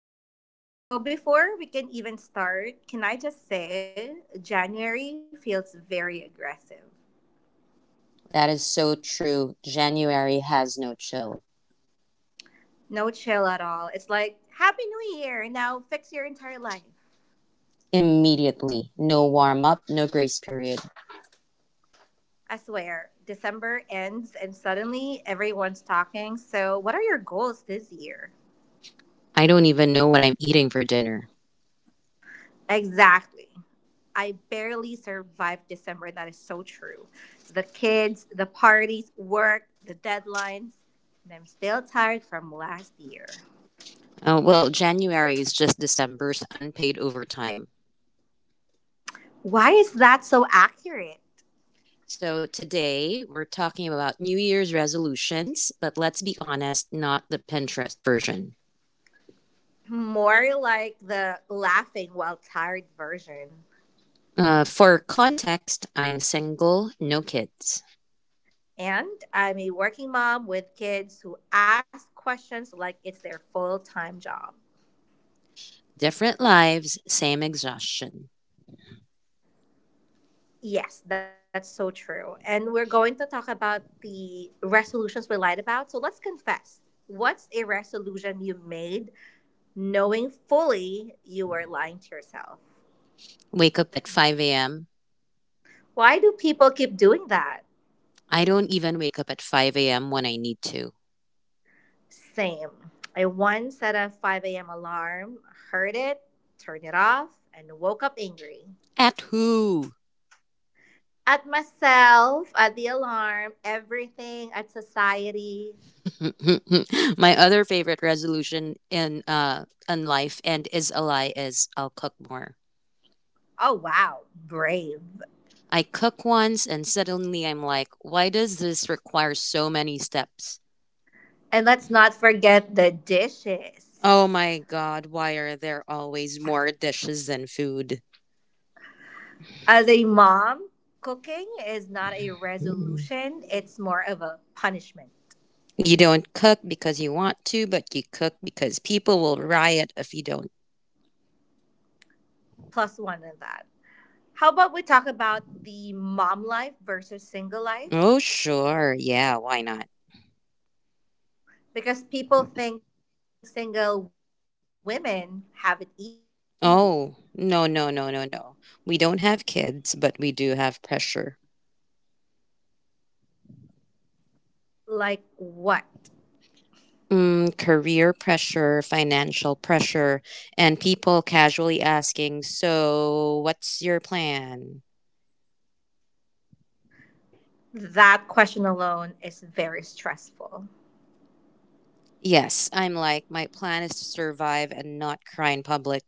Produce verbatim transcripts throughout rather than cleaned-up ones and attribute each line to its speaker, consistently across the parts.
Speaker 1: Okay, so before we can even start, can I just say January feels very aggressive.
Speaker 2: That is so true. January has no chill.
Speaker 1: No chill at all. It's like, Happy New Year! Now fix your entire life.
Speaker 2: Immediately. No warm up, no grace period.
Speaker 1: I swear, December ends and suddenly everyone's talking. So, what are your goals this year?
Speaker 2: I don't even know what I'm eating for dinner.
Speaker 1: Exactly. I barely survived December. That is so true. The kids, the parties, work, the deadlines, and I'm still tired from last year.
Speaker 2: Oh, well, January is just December's unpaid overtime.
Speaker 1: Why is that so accurate?
Speaker 2: So today we're talking about New Year's resolutions, but let's be honest, not the Pinterest version.
Speaker 1: More like the laughing while tired version.
Speaker 2: Uh, for context, I'm single, no kids.
Speaker 1: And I'm a working mom with kids who ask questions like it's their full time job.
Speaker 2: Different lives, same exhaustion.
Speaker 1: Yes, that's so true. And we're going to talk about the resolutions we lied about. So let's confess. What's a resolution you made knowing fully you were lying to yourself?
Speaker 2: Wake up at five a m.
Speaker 1: Why do people keep doing that?
Speaker 2: I don't even wake up at five a m when I need to.
Speaker 1: Same. I once set a five a m alarm, heard it, turned it off, and woke up angry.
Speaker 2: At who?
Speaker 1: At myself, at the alarm, everything, at society.
Speaker 2: My other favorite resolution in uh in life and is a lie is I'll cook more.
Speaker 1: Oh, wow, brave.
Speaker 2: I cook once and suddenly I'm like, why does this require so many steps?
Speaker 1: And let's not forget the
Speaker 2: Oh
Speaker 1: dishes.
Speaker 2: my god, why are there always more dishes than food?
Speaker 1: As a mom, cooking is not a
Speaker 2: Mm.
Speaker 1: resolution, it's more of a punishment.
Speaker 2: You don't cook because you want to, but you cook because people will riot if you don't.
Speaker 1: Plus one in that. How about we talk about the mom life versus single
Speaker 2: Oh
Speaker 1: life?
Speaker 2: sure, yeah, why not?
Speaker 1: Because people think single women have it easy.
Speaker 2: Oh, no, no, no, no, no. We don't have kids, but we do have pressure.
Speaker 1: Like what?
Speaker 2: Mm, career pressure, financial pressure, and people casually asking, so, what's your plan?
Speaker 1: That question alone is very stressful.
Speaker 2: Yes, I'm like, my plan is to survive and not cry in public,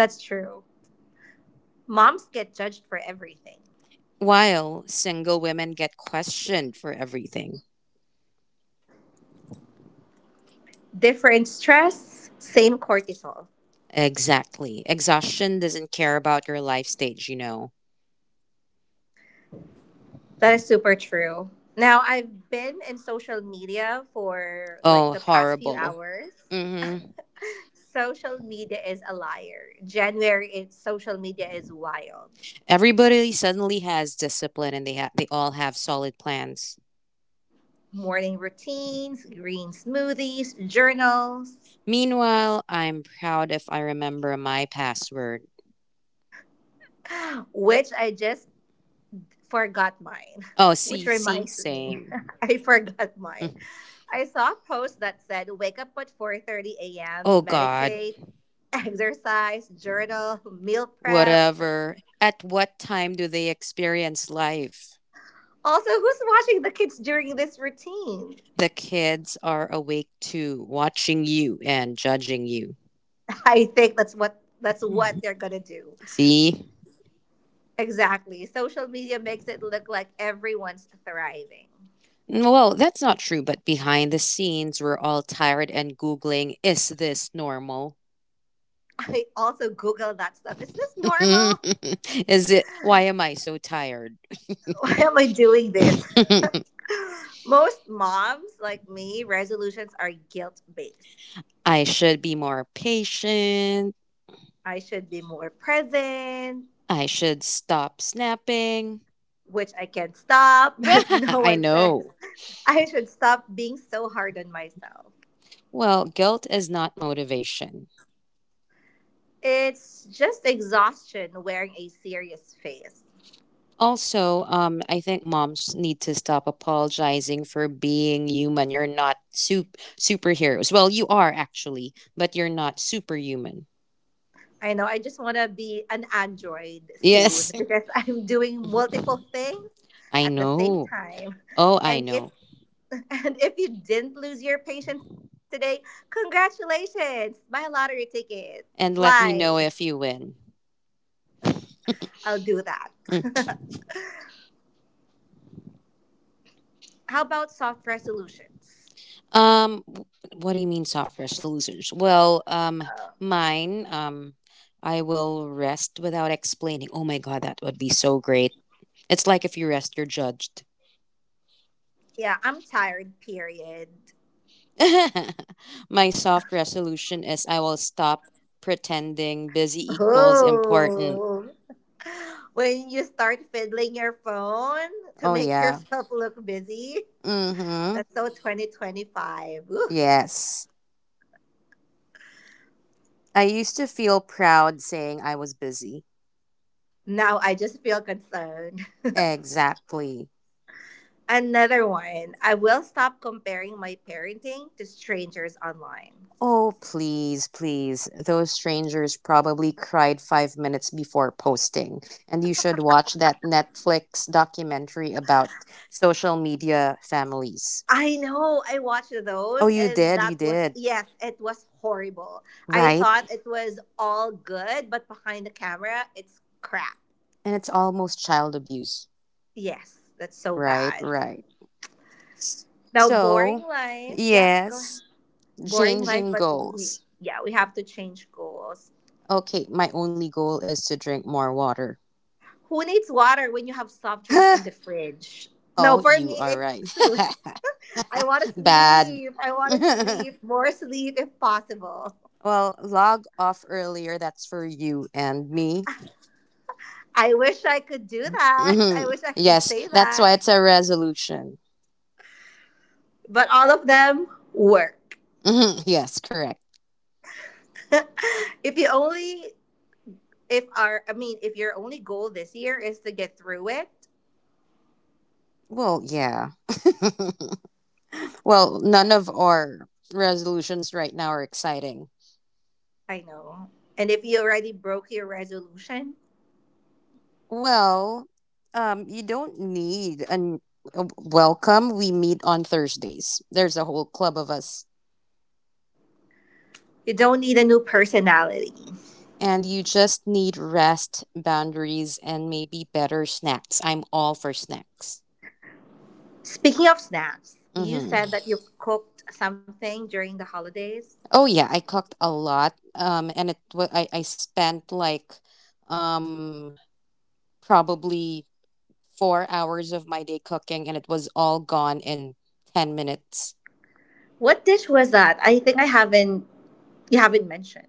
Speaker 1: That's true. Moms get judged for everything.
Speaker 2: while single women get questioned for everything.
Speaker 1: Different stress, same cortisol.
Speaker 2: Exactly. Exhaustion doesn't care about your life stage, you know.
Speaker 1: That is super true. Now, I've been in social media for like
Speaker 2: Oh,
Speaker 1: the past few
Speaker 2: horrible.
Speaker 1: hours.
Speaker 2: Mm-hmm.
Speaker 1: Social media is a liar. January, it, social media is wild.
Speaker 2: Everybody suddenly has discipline and they ha- they all have solid plans.
Speaker 1: Morning routines, green smoothies, journals,
Speaker 2: Meanwhile, I'm proud if I remember my password.
Speaker 1: which I just forgot mine.
Speaker 2: Oh,
Speaker 1: Which
Speaker 2: see, see,
Speaker 1: reminds me,
Speaker 2: same.
Speaker 1: I forgot mine.
Speaker 2: Mm.
Speaker 1: I saw a post that said wake up at four thirty a m,
Speaker 2: Oh God,
Speaker 1: meditate, exercise, journal, meal prep.
Speaker 2: whatever. At what time do they experience life?
Speaker 1: Also, who's watching the kids during this routine?
Speaker 2: The kids are awake too, watching you and judging you.
Speaker 1: I think that's what that's what they're going to do.
Speaker 2: See?
Speaker 1: Exactly. Social media makes it look like everyone's thriving.
Speaker 2: Well, that's not true, but behind the scenes, we're all tired and Googling, is this normal?
Speaker 1: I also Google that stuff. Is this normal?
Speaker 2: Is it why am I so tired?
Speaker 1: Why am I doing this? Most moms, like me, resolutions are guilt based.
Speaker 2: I should be more patient.
Speaker 1: I should be more present,
Speaker 2: I should stop snapping.
Speaker 1: which I can't stop, but no
Speaker 2: I
Speaker 1: one says
Speaker 2: know.
Speaker 1: I should stop being so hard on myself.
Speaker 2: Well, guilt is not motivation.
Speaker 1: It's just exhaustion wearing a serious face.
Speaker 2: Also, um, I think moms need to stop apologizing for being human. You're not sup- superheroes. Well, you are actually, but you're not superhuman.
Speaker 1: I know I just want to be an android
Speaker 2: Yes,
Speaker 1: soon because I'm doing multiple things
Speaker 2: I
Speaker 1: at the same
Speaker 2: know.
Speaker 1: time
Speaker 2: Oh, I
Speaker 1: and
Speaker 2: know.
Speaker 1: it's And if you didn't lose your patience today, congratulations! Buy a lottery ticket.
Speaker 2: And let
Speaker 1: Fly.
Speaker 2: me know if you win.
Speaker 1: I'll do that. How about soft resolutions?
Speaker 2: Um, w- what do you mean software solutions? Well, um, mine, um, I will rest without explaining. Oh my God, that would be so great. It's like if you rest, you're judged.
Speaker 1: Yeah, I'm tired, period.
Speaker 2: My soft resolution is I will stop pretending busy equals important.
Speaker 1: Oh. When you start fiddling your phone to
Speaker 2: Oh,
Speaker 1: make
Speaker 2: yeah.
Speaker 1: yourself look busy.
Speaker 2: Mm-hmm.
Speaker 1: That's so twenty twenty-five. Woo.
Speaker 2: Yes. I used to feel proud saying I was busy.
Speaker 1: Now I just feel concerned.
Speaker 2: Exactly.
Speaker 1: Another one. I will stop comparing my parenting to strangers online.
Speaker 2: Oh, please, please. Those strangers probably cried five minutes before posting. And you should watch that Netflix documentary about social media families.
Speaker 1: I know. I watched
Speaker 2: Oh,
Speaker 1: those,
Speaker 2: you
Speaker 1: and
Speaker 2: did, you
Speaker 1: that was,
Speaker 2: did.
Speaker 1: yes, it was horrible. I
Speaker 2: Right?
Speaker 1: thought it was all good, but behind the camera, it's crap.
Speaker 2: And it's almost child abuse.
Speaker 1: Yes, that's so
Speaker 2: Right,
Speaker 1: bad.
Speaker 2: right. S-
Speaker 1: Now, boring
Speaker 2: So,
Speaker 1: life. Yep, go ahead.
Speaker 2: yes,
Speaker 1: Boring life,
Speaker 2: changing
Speaker 1: but we
Speaker 2: goals.
Speaker 1: yeah, we have to change goals.
Speaker 2: Okay, my only goal is to drink more water.
Speaker 1: Who needs water when you have soft drinks
Speaker 2: Oh,
Speaker 1: in the fridge? No, for
Speaker 2: you
Speaker 1: me,
Speaker 2: are
Speaker 1: it's
Speaker 2: right.
Speaker 1: sl- I want to
Speaker 2: Bad.
Speaker 1: sleep. I want to sleep more sleep if possible.
Speaker 2: Well, log off earlier. That's for you and me.
Speaker 1: I wish I could do that.
Speaker 2: Hmm,
Speaker 1: I wish I could
Speaker 2: yes,
Speaker 1: say
Speaker 2: that's
Speaker 1: that.
Speaker 2: why it's a resolution.
Speaker 1: But all of them work.
Speaker 2: Hmm, yes, correct.
Speaker 1: if you only if our I mean if your only goal this year is to get through it,
Speaker 2: Well, yeah. Well, none of our resolutions right now are exciting.
Speaker 1: I know. And if you already broke your resolution,
Speaker 2: Well, um, you don't need an a welcome. We meet on Thursdays. There's a whole club of us.
Speaker 1: you don't need a new personality.
Speaker 2: And you just need rest, boundaries, and maybe better snacks. I'm all for snacks.
Speaker 1: Speaking of snacks, you
Speaker 2: Mm-hmm.
Speaker 1: said that you cooked something during the holidays.
Speaker 2: Oh yeah, I cooked a lot. Um, and it wa- I I spent like um probably four hours of my day cooking, and it was all gone in ten minutes.
Speaker 1: What dish was that? I think I haven't you haven't mentioned.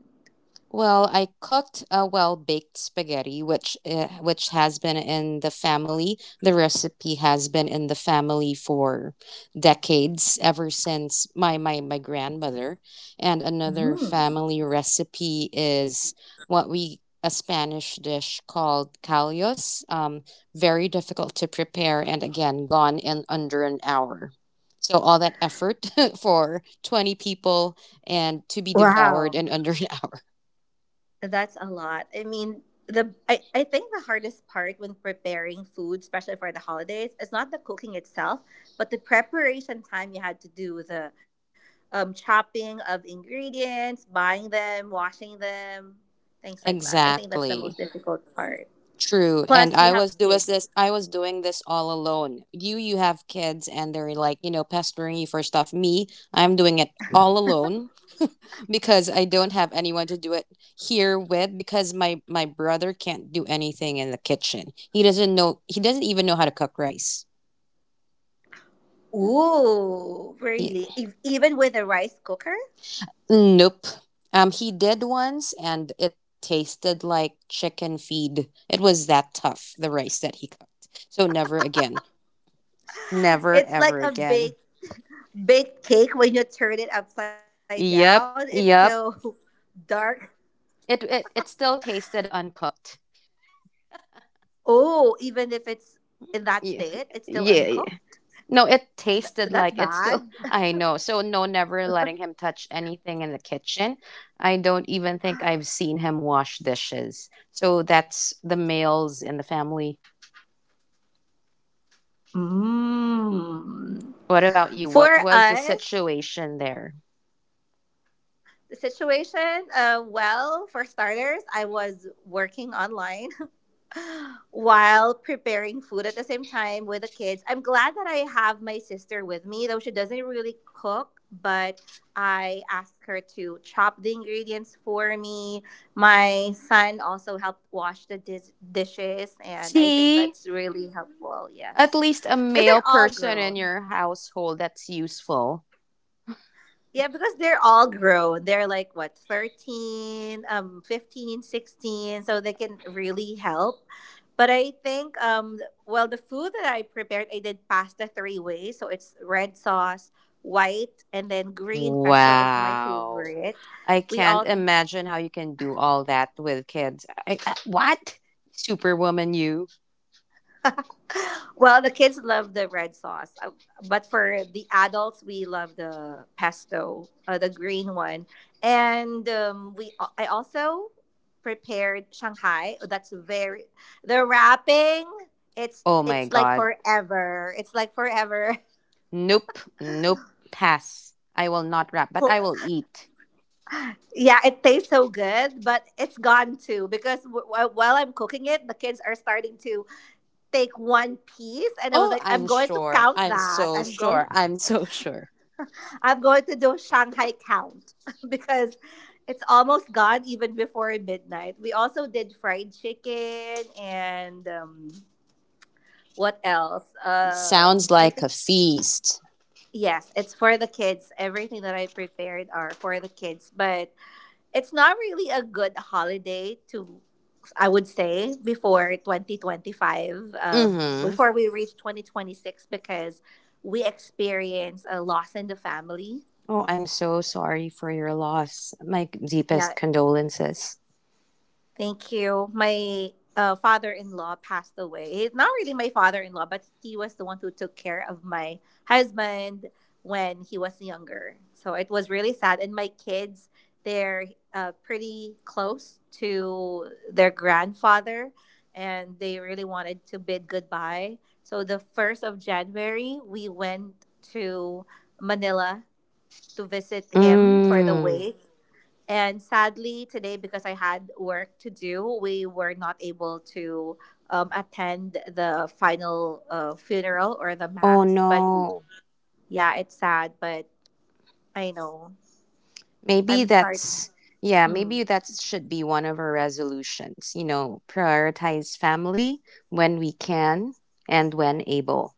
Speaker 2: Well, I cooked a well-baked spaghetti, which uh, which has been in the family. The recipe has been in the family for decades, ever since my my my grandmother. And another
Speaker 1: Mm.
Speaker 2: family recipe is what we a Spanish dish called callos. Um, very difficult to prepare, and again, gone in under an hour. So all that effort for twenty people and to be devoured
Speaker 1: Wow.
Speaker 2: in under an hour.
Speaker 1: That's a lot. I mean, the I, I think the hardest part when preparing food, especially for the holidays, is not the cooking itself, but the preparation time you had to do the um, chopping of ingredients, buying them, washing them, things like that. I think that's the
Speaker 2: Exactly.
Speaker 1: most difficult part.
Speaker 2: True. And I
Speaker 1: Plus, you
Speaker 2: was
Speaker 1: have
Speaker 2: doing this
Speaker 1: kids.
Speaker 2: I was doing this all alone. You you have kids and they're like, you know, pestering you for stuff. Me, I'm doing it all alone because I don't have anyone to do it here with because my my brother can't do anything in the kitchen. He doesn't know he doesn't even know how to cook rice.
Speaker 1: Ooh,
Speaker 2: Yeah.
Speaker 1: really? Ev- Even with a rice cooker,
Speaker 2: Nope. Um he did once and it tasted like chicken feed. It was that tough, the rice that he cooked. So never again. Never
Speaker 1: it's like
Speaker 2: ever
Speaker 1: a
Speaker 2: again.
Speaker 1: baked baked cake when you turn it upside down.
Speaker 2: Yep,
Speaker 1: It's so
Speaker 2: yep.
Speaker 1: dark.
Speaker 2: It it, it still tasted uncooked.
Speaker 1: Oh, even if it's in that
Speaker 2: Yeah,
Speaker 1: state, it's still
Speaker 2: yeah, yeah.
Speaker 1: uncooked.
Speaker 2: No, it
Speaker 1: Th-
Speaker 2: tasted
Speaker 1: That's
Speaker 2: like it
Speaker 1: bad.
Speaker 2: still. I know. So no, never letting him touch anything in the kitchen. I don't even think I've seen him wash dishes. So that's the males in the family.
Speaker 1: Mm.
Speaker 2: What about you? What
Speaker 1: For
Speaker 2: was the
Speaker 1: us,
Speaker 2: situation there?
Speaker 1: the situation, uh, well, for starters, I was working online while preparing food at the same time with the kids. I'm glad that I have my sister with me, though she doesn't really cook, but I ask her to chop the ingredients for me. My son also helped wash the dis- dishes, and I think
Speaker 2: See,
Speaker 1: that's really helpful,
Speaker 2: at
Speaker 1: yes.
Speaker 2: least a
Speaker 1: Because
Speaker 2: male
Speaker 1: they're all
Speaker 2: person in
Speaker 1: grown.
Speaker 2: your household that's useful.
Speaker 1: Yeah, because they're all grown. They're like what, thirteen, um fifteen, sixteen, so they can really help. But I think um well the food that I prepared, I did pasta three ways, so it's red sauce, white, and then green pesto is my
Speaker 2: Wow.
Speaker 1: favorite.
Speaker 2: I
Speaker 1: We
Speaker 2: can't
Speaker 1: all
Speaker 2: imagine how you can do all that with kids. I, I- what? Superwoman, you?
Speaker 1: Well, the kids love the red sauce. Uh, but for the adults, we love the pesto, uh, the green one. And um, we, al- I also prepared Shanghai. Oh, that's very the wrapping. It's
Speaker 2: Oh my
Speaker 1: it's like
Speaker 2: God.
Speaker 1: forever. It's like forever.
Speaker 2: Nope. Nope. Pass. I will not rap, but
Speaker 1: Cool.
Speaker 2: I will eat.
Speaker 1: Yeah, it tastes so good, but it's gone too because w- w- while I'm cooking it, the kids are starting to take one piece, and I was
Speaker 2: Oh,
Speaker 1: like,
Speaker 2: I'm
Speaker 1: I'm going to
Speaker 2: sure.
Speaker 1: count
Speaker 2: I'm
Speaker 1: that.
Speaker 2: so
Speaker 1: I'm going.
Speaker 2: sure. I'm so sure.
Speaker 1: I'm going to do Shanghai Count because it's almost gone even before midnight. We also did fried chicken and um, what else? Um,
Speaker 2: Sounds
Speaker 1: I
Speaker 2: like
Speaker 1: think
Speaker 2: a feast.
Speaker 1: yes, it's for the kids. Everything that I prepared are for the kids, but it's not really a good holiday to. I would say before twenty twenty-five, um,
Speaker 2: Mm-hmm.
Speaker 1: before we reach twenty twenty-six, because we experience a loss in the family.
Speaker 2: Oh, I'm so sorry for your loss. My
Speaker 1: Yeah,
Speaker 2: deepest condolences.
Speaker 1: thank you. My uh, father-in-law passed away. He's not really my father-in-law, but he was the one who took care of my husband when he was younger. So it was really sad. And my kids, they're uh, pretty close to their grandfather, and they really wanted to bid goodbye. So the first of January, we went to Manila to visit him for the
Speaker 2: Mm.
Speaker 1: wake. And sadly, today, because I had work to do, we were not able to um, attend the final uh, funeral or the
Speaker 2: Oh
Speaker 1: mass. But
Speaker 2: no.
Speaker 1: yeah, it's sad, but I know
Speaker 2: Maybe
Speaker 1: I'm starting.
Speaker 2: that's, yeah,
Speaker 1: Mm.
Speaker 2: maybe that should be one of our resolutions. You know, prioritize family when we can and when able.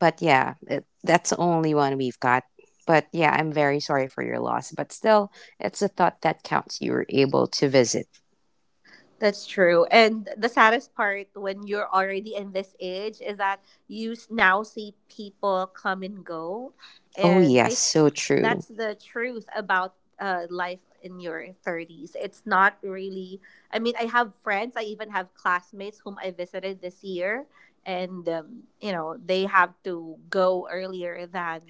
Speaker 2: But yeah, it, that's the only one we've got. But yeah, I'm very sorry for your loss. But still, it's a thought that counts. You were able to visit.
Speaker 1: That's true. And the saddest part when you're already in this age is that you s- now see people come and go.
Speaker 2: Oh,
Speaker 1: And
Speaker 2: yes,
Speaker 1: I
Speaker 2: so true.
Speaker 1: That's the truth about uh, life in your thirties. It's not really I mean, I have friends, I even have classmates whom I visited this year and um, you know, they have to go earlier than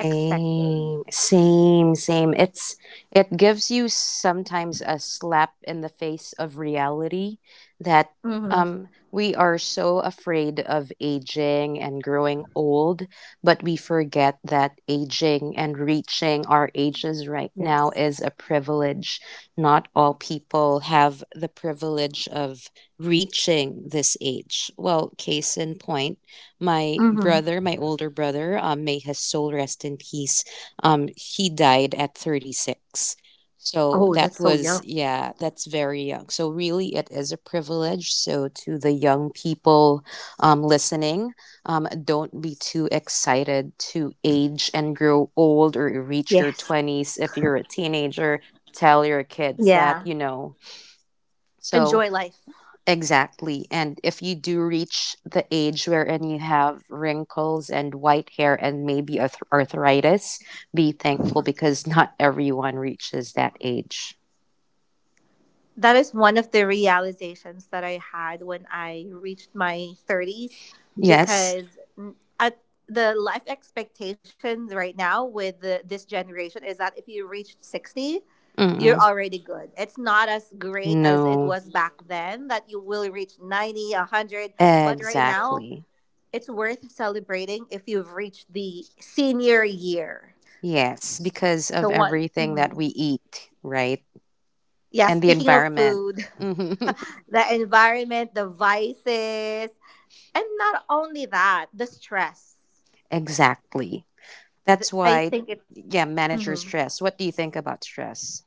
Speaker 1: expected.
Speaker 2: same, same. It's it gives you sometimes a slap in the face of reality that
Speaker 1: Mhm.
Speaker 2: um we are so afraid of aging and growing old, but we forget that aging and reaching our ages right now
Speaker 1: Yes.
Speaker 2: is a privilege. Not all people have the privilege of reaching this age. Well, case in point my
Speaker 1: Mhm.
Speaker 2: brother, my older brother, um, may his soul rest in peace. Um, he died at thirty-six. So
Speaker 1: Oh, that's
Speaker 2: that
Speaker 1: so
Speaker 2: was,
Speaker 1: young.
Speaker 2: yeah, that's very young. So really, it is a privilege. So to the young people um, listening, um, don't be too excited to age and grow old or
Speaker 1: Yes.
Speaker 2: reach your twenties. If you're a teenager, tell your
Speaker 1: Yeah,
Speaker 2: kids that, you know.
Speaker 1: enjoy life.
Speaker 2: So exactly. And if you do reach the age wherein you have wrinkles and white hair and maybe arth- arthritis, be thankful because not everyone reaches that age.
Speaker 1: That is one of the realizations that I had when I reached my thirties
Speaker 2: Yes?
Speaker 1: because n- at the life expectations right now with the, this generation is that if you reach sixty, you're
Speaker 2: Mm-mm.
Speaker 1: already good. It's not as great as it
Speaker 2: No.
Speaker 1: was back then that you will reach ninety, one hundred, but right now
Speaker 2: Exactly.
Speaker 1: it's worth celebrating if you've reached the senior year.
Speaker 2: Yes, because of
Speaker 1: So one.
Speaker 2: everything that
Speaker 1: Mhm.
Speaker 2: we eat, right?
Speaker 1: Yeah,
Speaker 2: And the
Speaker 1: speaking of
Speaker 2: environment.
Speaker 1: food.
Speaker 2: Mhm.
Speaker 1: The environment, the vices, and not only that, the stress.
Speaker 2: Exactly. That's
Speaker 1: The- I
Speaker 2: why,
Speaker 1: think it
Speaker 2: yeah, manage your
Speaker 1: Mhm.
Speaker 2: stress. What do you think about stress?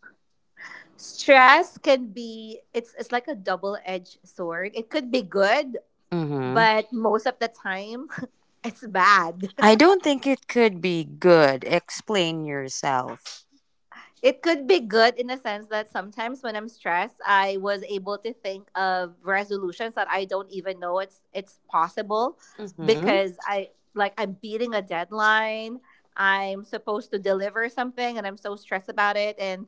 Speaker 1: Stress can be, it's it's like a double edged sword. It could be good,
Speaker 2: Mm-hmm.
Speaker 1: but most of the time it's bad.
Speaker 2: I don't think it could be good. Explain yourself.
Speaker 1: It could be good in the sense that sometimes when I'm stressed, I was able to think of resolutions that I don't even know it's it's possible
Speaker 2: Mm-hmm.
Speaker 1: because I like I'm beating a deadline. I'm supposed to deliver something and I'm so stressed about it and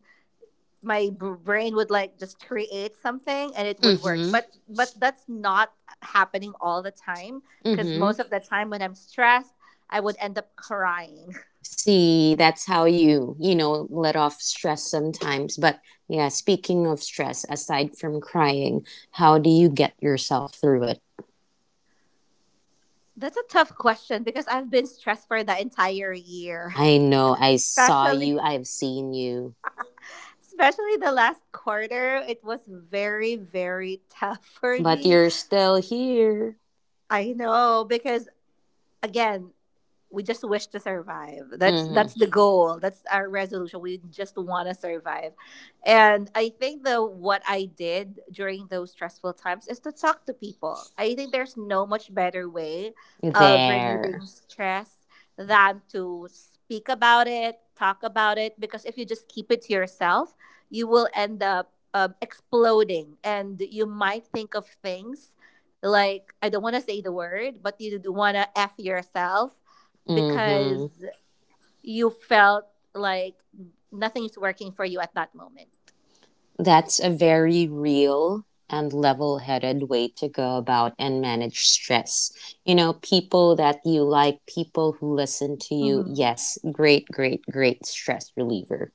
Speaker 1: my br- brain would like just create something and it would work.
Speaker 2: Mm-hmm.
Speaker 1: But but that's not happening all the time because most
Speaker 2: Mm-hmm.
Speaker 1: of the time when I'm stressed, I would end up crying.
Speaker 2: See, that's how you, you know, let off stress sometimes. But yeah, speaking of stress, aside from crying, how do you get yourself through it?
Speaker 1: That's a tough question because I've been stressed for the entire year.
Speaker 2: I know I saw you,
Speaker 1: Especially
Speaker 2: I've seen you,
Speaker 1: Especially the last quarter, it was very very tough for
Speaker 2: but
Speaker 1: me.
Speaker 2: you're still here.
Speaker 1: I know because again, we just wish to survive. That's
Speaker 2: Mm-hmm.
Speaker 1: that's the goal. That's our resolution. We just want to survive. And I think the what I did during those stressful times is to talk to people. I think there's no much better way of
Speaker 2: There.
Speaker 1: relieving stress than to speak about it, talk about it because if you just keep it to yourself, you will end up um, exploding and you might think of things like I don't want to say the word, but you do want to f yourself
Speaker 2: Mm-hmm.
Speaker 1: because you felt like nothing is working for you at that moment.
Speaker 2: That's a very real and level headed way to go about and manage stress. You know, people that you like, people who listen to you.
Speaker 1: Mhm.
Speaker 2: Yes, great, great, great stress reliever.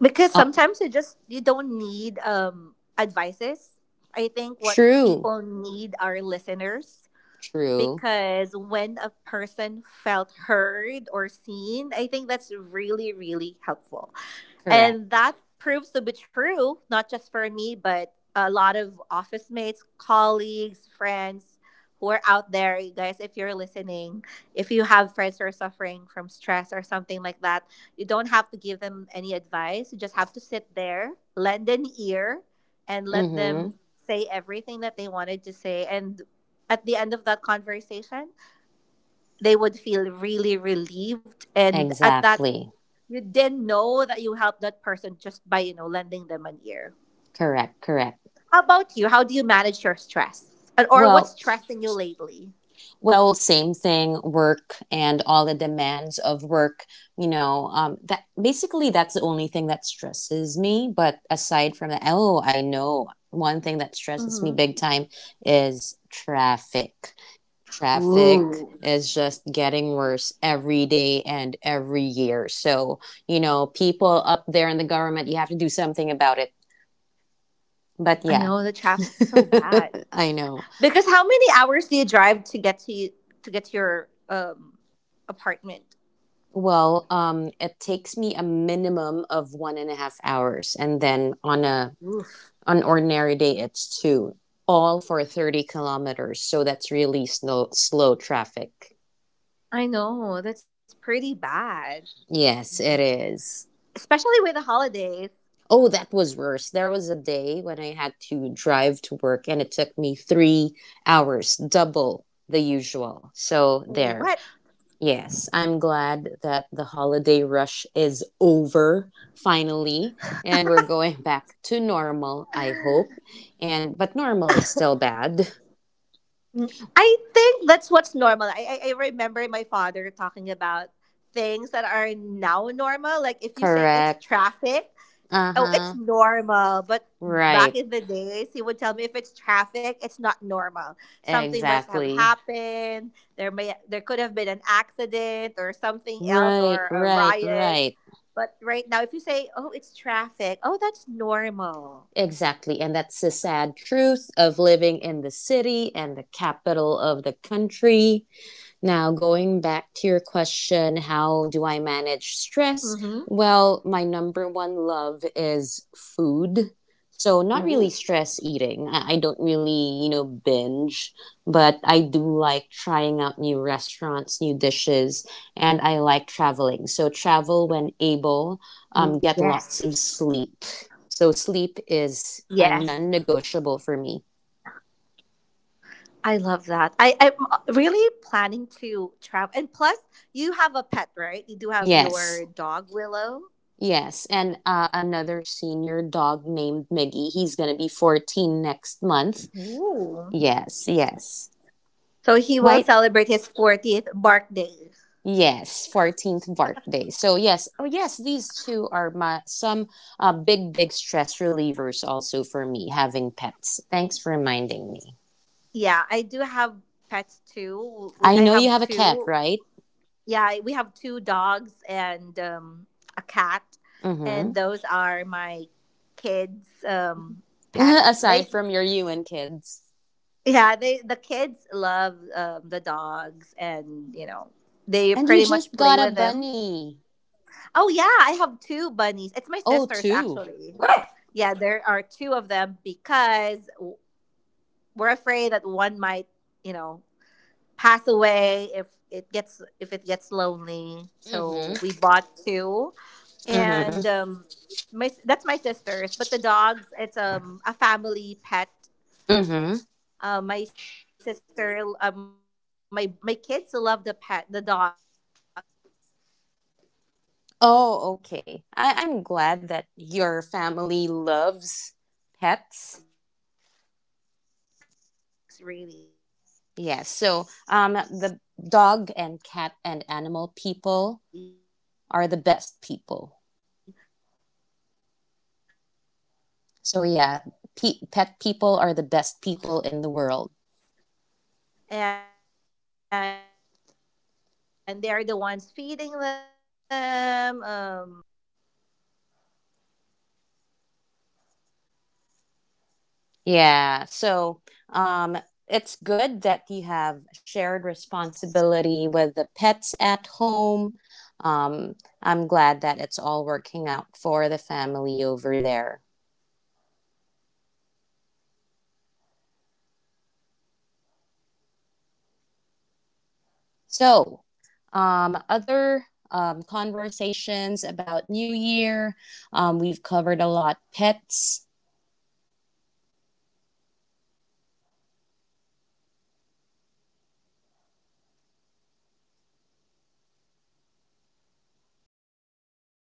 Speaker 1: Because
Speaker 2: Oh,
Speaker 1: sometimes you just you don't need um advices. I think what
Speaker 2: true,
Speaker 1: people need are listeners
Speaker 2: true,
Speaker 1: because when a person felt heard or seen, I think that's really really helpful. And
Speaker 2: correct.
Speaker 1: that proves to be true, not just for me, but a lot of office mates, colleagues, friends who are out there. You guys, if you're listening, if you have friends who are suffering from stress or something like that, you don't have to give them any advice. You just have to sit there, lend an ear, and
Speaker 2: Mm
Speaker 1: let them
Speaker 2: hmm.
Speaker 1: say everything that they wanted to say. And at the end of that conversation, they would feel really relieved. And at that
Speaker 2: Exactly.
Speaker 1: you didn't know that you helped that person just by, you know, lending them an ear.
Speaker 2: Correct, correct.
Speaker 1: How about you? How do you manage your stress? And, or what's
Speaker 2: Well,
Speaker 1: stressing you lately?
Speaker 2: well, same thing, work and all the demands of work. You know, um, that basically that's the only thing that stresses me. But aside from that, oh, I know one thing that stresses me
Speaker 1: Hmm.
Speaker 2: big time is traffic. Traffic
Speaker 1: Ooh,
Speaker 2: is just getting worse every day and every year. So, you know, people up there in the government, you have to do something about it. But
Speaker 1: I
Speaker 2: yeah,
Speaker 1: know the traffic's so bad.
Speaker 2: I know.
Speaker 1: Because how many hours do you drive to get to you, to get to your um apartment?
Speaker 2: Well, um, it takes me a minimum of one and a half hours, and then on a
Speaker 1: Oof.
Speaker 2: on ordinary day, it's two, all for thirty kilometers. So that's really slow slow traffic.
Speaker 1: I know that's pretty bad,
Speaker 2: Yes, it
Speaker 1: especially with
Speaker 2: is.
Speaker 1: the holidays.
Speaker 2: Oh, that was worse. There was a day when I had to drive to work, and it took me three hours, double the usual. So
Speaker 1: What?
Speaker 2: there. Yes, I'm glad that the holiday rush is over finally and we're going back to normal, I hope. And but normal is still bad.
Speaker 1: Mm, I think that's what's normal. I, I I remember my father talking about things that are now normal. Like if you say it's
Speaker 2: Correct.
Speaker 1: traffic, oh, it's
Speaker 2: Uh-huh.
Speaker 1: normal. But
Speaker 2: Right.
Speaker 1: back in the days, he would tell me if it's traffic, it's not normal. Something must have
Speaker 2: Exactly.
Speaker 1: happened. There may there could have been an accident or something else
Speaker 2: Right,
Speaker 1: or a
Speaker 2: right,
Speaker 1: riot.
Speaker 2: right.
Speaker 1: But right now, if you say, "Oh, it's traffic," oh, that's normal.
Speaker 2: Exactly. And that's the sad truth of living in the city and the capital of the country. Now, going back to your question, how do I manage stress?
Speaker 1: Mm-hmm.
Speaker 2: Well, my number one love is food. So, not really
Speaker 1: Ooh.
Speaker 2: stress eating. I I don't really, you know, binge, but I do like trying out new restaurants, new dishes, and I like traveling. So, travel when able, um, get
Speaker 1: Yes.
Speaker 2: lots of sleep. So, sleep is a
Speaker 1: Yes.
Speaker 2: non negotiable for me.
Speaker 1: I love that. I, I'm uh, really planning to travel. And plus, you have a pet, right? You do have
Speaker 2: Yes.
Speaker 1: your dog, Willow.
Speaker 2: Yes, and uh, another senior dog named Miggy. He's going to be fourteen next month.
Speaker 1: Ooh.
Speaker 2: Yes, yes.
Speaker 1: So he will
Speaker 2: Right?
Speaker 1: celebrate his fortieth birthday.
Speaker 2: Yes, fourteenth birthday. So, yes, oh, yes, these two are my some uh, big, big stress relievers also for me having pets. Thanks for reminding me.
Speaker 1: Yeah, I do have pets too. We
Speaker 2: I
Speaker 1: I
Speaker 2: know you
Speaker 1: have
Speaker 2: have a cat,
Speaker 1: two.
Speaker 2: right?
Speaker 1: Yeah, I- we have two dogs and um, a cat, and
Speaker 2: Mm
Speaker 1: those are my kids' um,
Speaker 2: hmm.
Speaker 1: pets. They
Speaker 2: Aside from your you and kids.
Speaker 1: Yeah, they the kids love um, the dogs, and you know they
Speaker 2: And you
Speaker 1: pretty much
Speaker 2: just
Speaker 1: play
Speaker 2: got a
Speaker 1: with them.
Speaker 2: bunny.
Speaker 1: Oh yeah, I have two bunnies. It's my
Speaker 2: Oh,
Speaker 1: sisters
Speaker 2: two.
Speaker 1: actually.
Speaker 2: Mm
Speaker 1: Yeah, there are two of them because w- we're afraid that one might, you know, pass away if it gets if it gets lonely.
Speaker 2: hmm.
Speaker 1: So we bought two, and
Speaker 2: Mm
Speaker 1: um, my s- that's my sisters. But the dogs, it's um a family pet
Speaker 2: hmm. Mm
Speaker 1: uh, my sister, uh, my my kids love the pet, the dogs really, and they are the ones feeding
Speaker 2: oh,
Speaker 1: them,
Speaker 2: okay. I,
Speaker 1: um,
Speaker 2: I'm
Speaker 1: you know,
Speaker 2: glad that
Speaker 1: taking them for a
Speaker 2: your
Speaker 1: walk.
Speaker 2: family loves pets.
Speaker 1: Hmm.
Speaker 2: Yes. So,
Speaker 1: Even my
Speaker 2: um, the
Speaker 1: father, eh,
Speaker 2: dog
Speaker 1: that
Speaker 2: and
Speaker 1: dog,
Speaker 2: cat
Speaker 1: the
Speaker 2: and animal
Speaker 1: aspin.
Speaker 2: people are the best people. So, yeah,
Speaker 1: Really, I, I haven't
Speaker 2: pe-
Speaker 1: heard
Speaker 2: pet
Speaker 1: of that,
Speaker 2: people are
Speaker 1: but
Speaker 2: the
Speaker 1: they
Speaker 2: best
Speaker 1: they
Speaker 2: people in the world.
Speaker 1: they say they say that if you cannot kill or if you have a great or a big heart for animals, that's the same too for humans. Do you believe that?
Speaker 2: Yeah. So,
Speaker 1: That
Speaker 2: um,
Speaker 1: if you
Speaker 2: it's
Speaker 1: love
Speaker 2: good that
Speaker 1: pets,
Speaker 2: you
Speaker 1: you
Speaker 2: have
Speaker 1: have a heart for
Speaker 2: shared
Speaker 1: humans too.
Speaker 2: responsibility with the pets at home. Um, I'm glad that it's all working out for the family over there.
Speaker 1: Yeah, they we, well, the one of the dogs, it's
Speaker 2: So,
Speaker 1: really um
Speaker 2: um,
Speaker 1: adopted. It's an
Speaker 2: other
Speaker 1: adopted
Speaker 2: um,
Speaker 1: dog. It was given to
Speaker 2: conversations
Speaker 1: us.
Speaker 2: about New Year. Um, we've covered a lot pets.
Speaker 1: Mhm. We have stress, food for the holidays.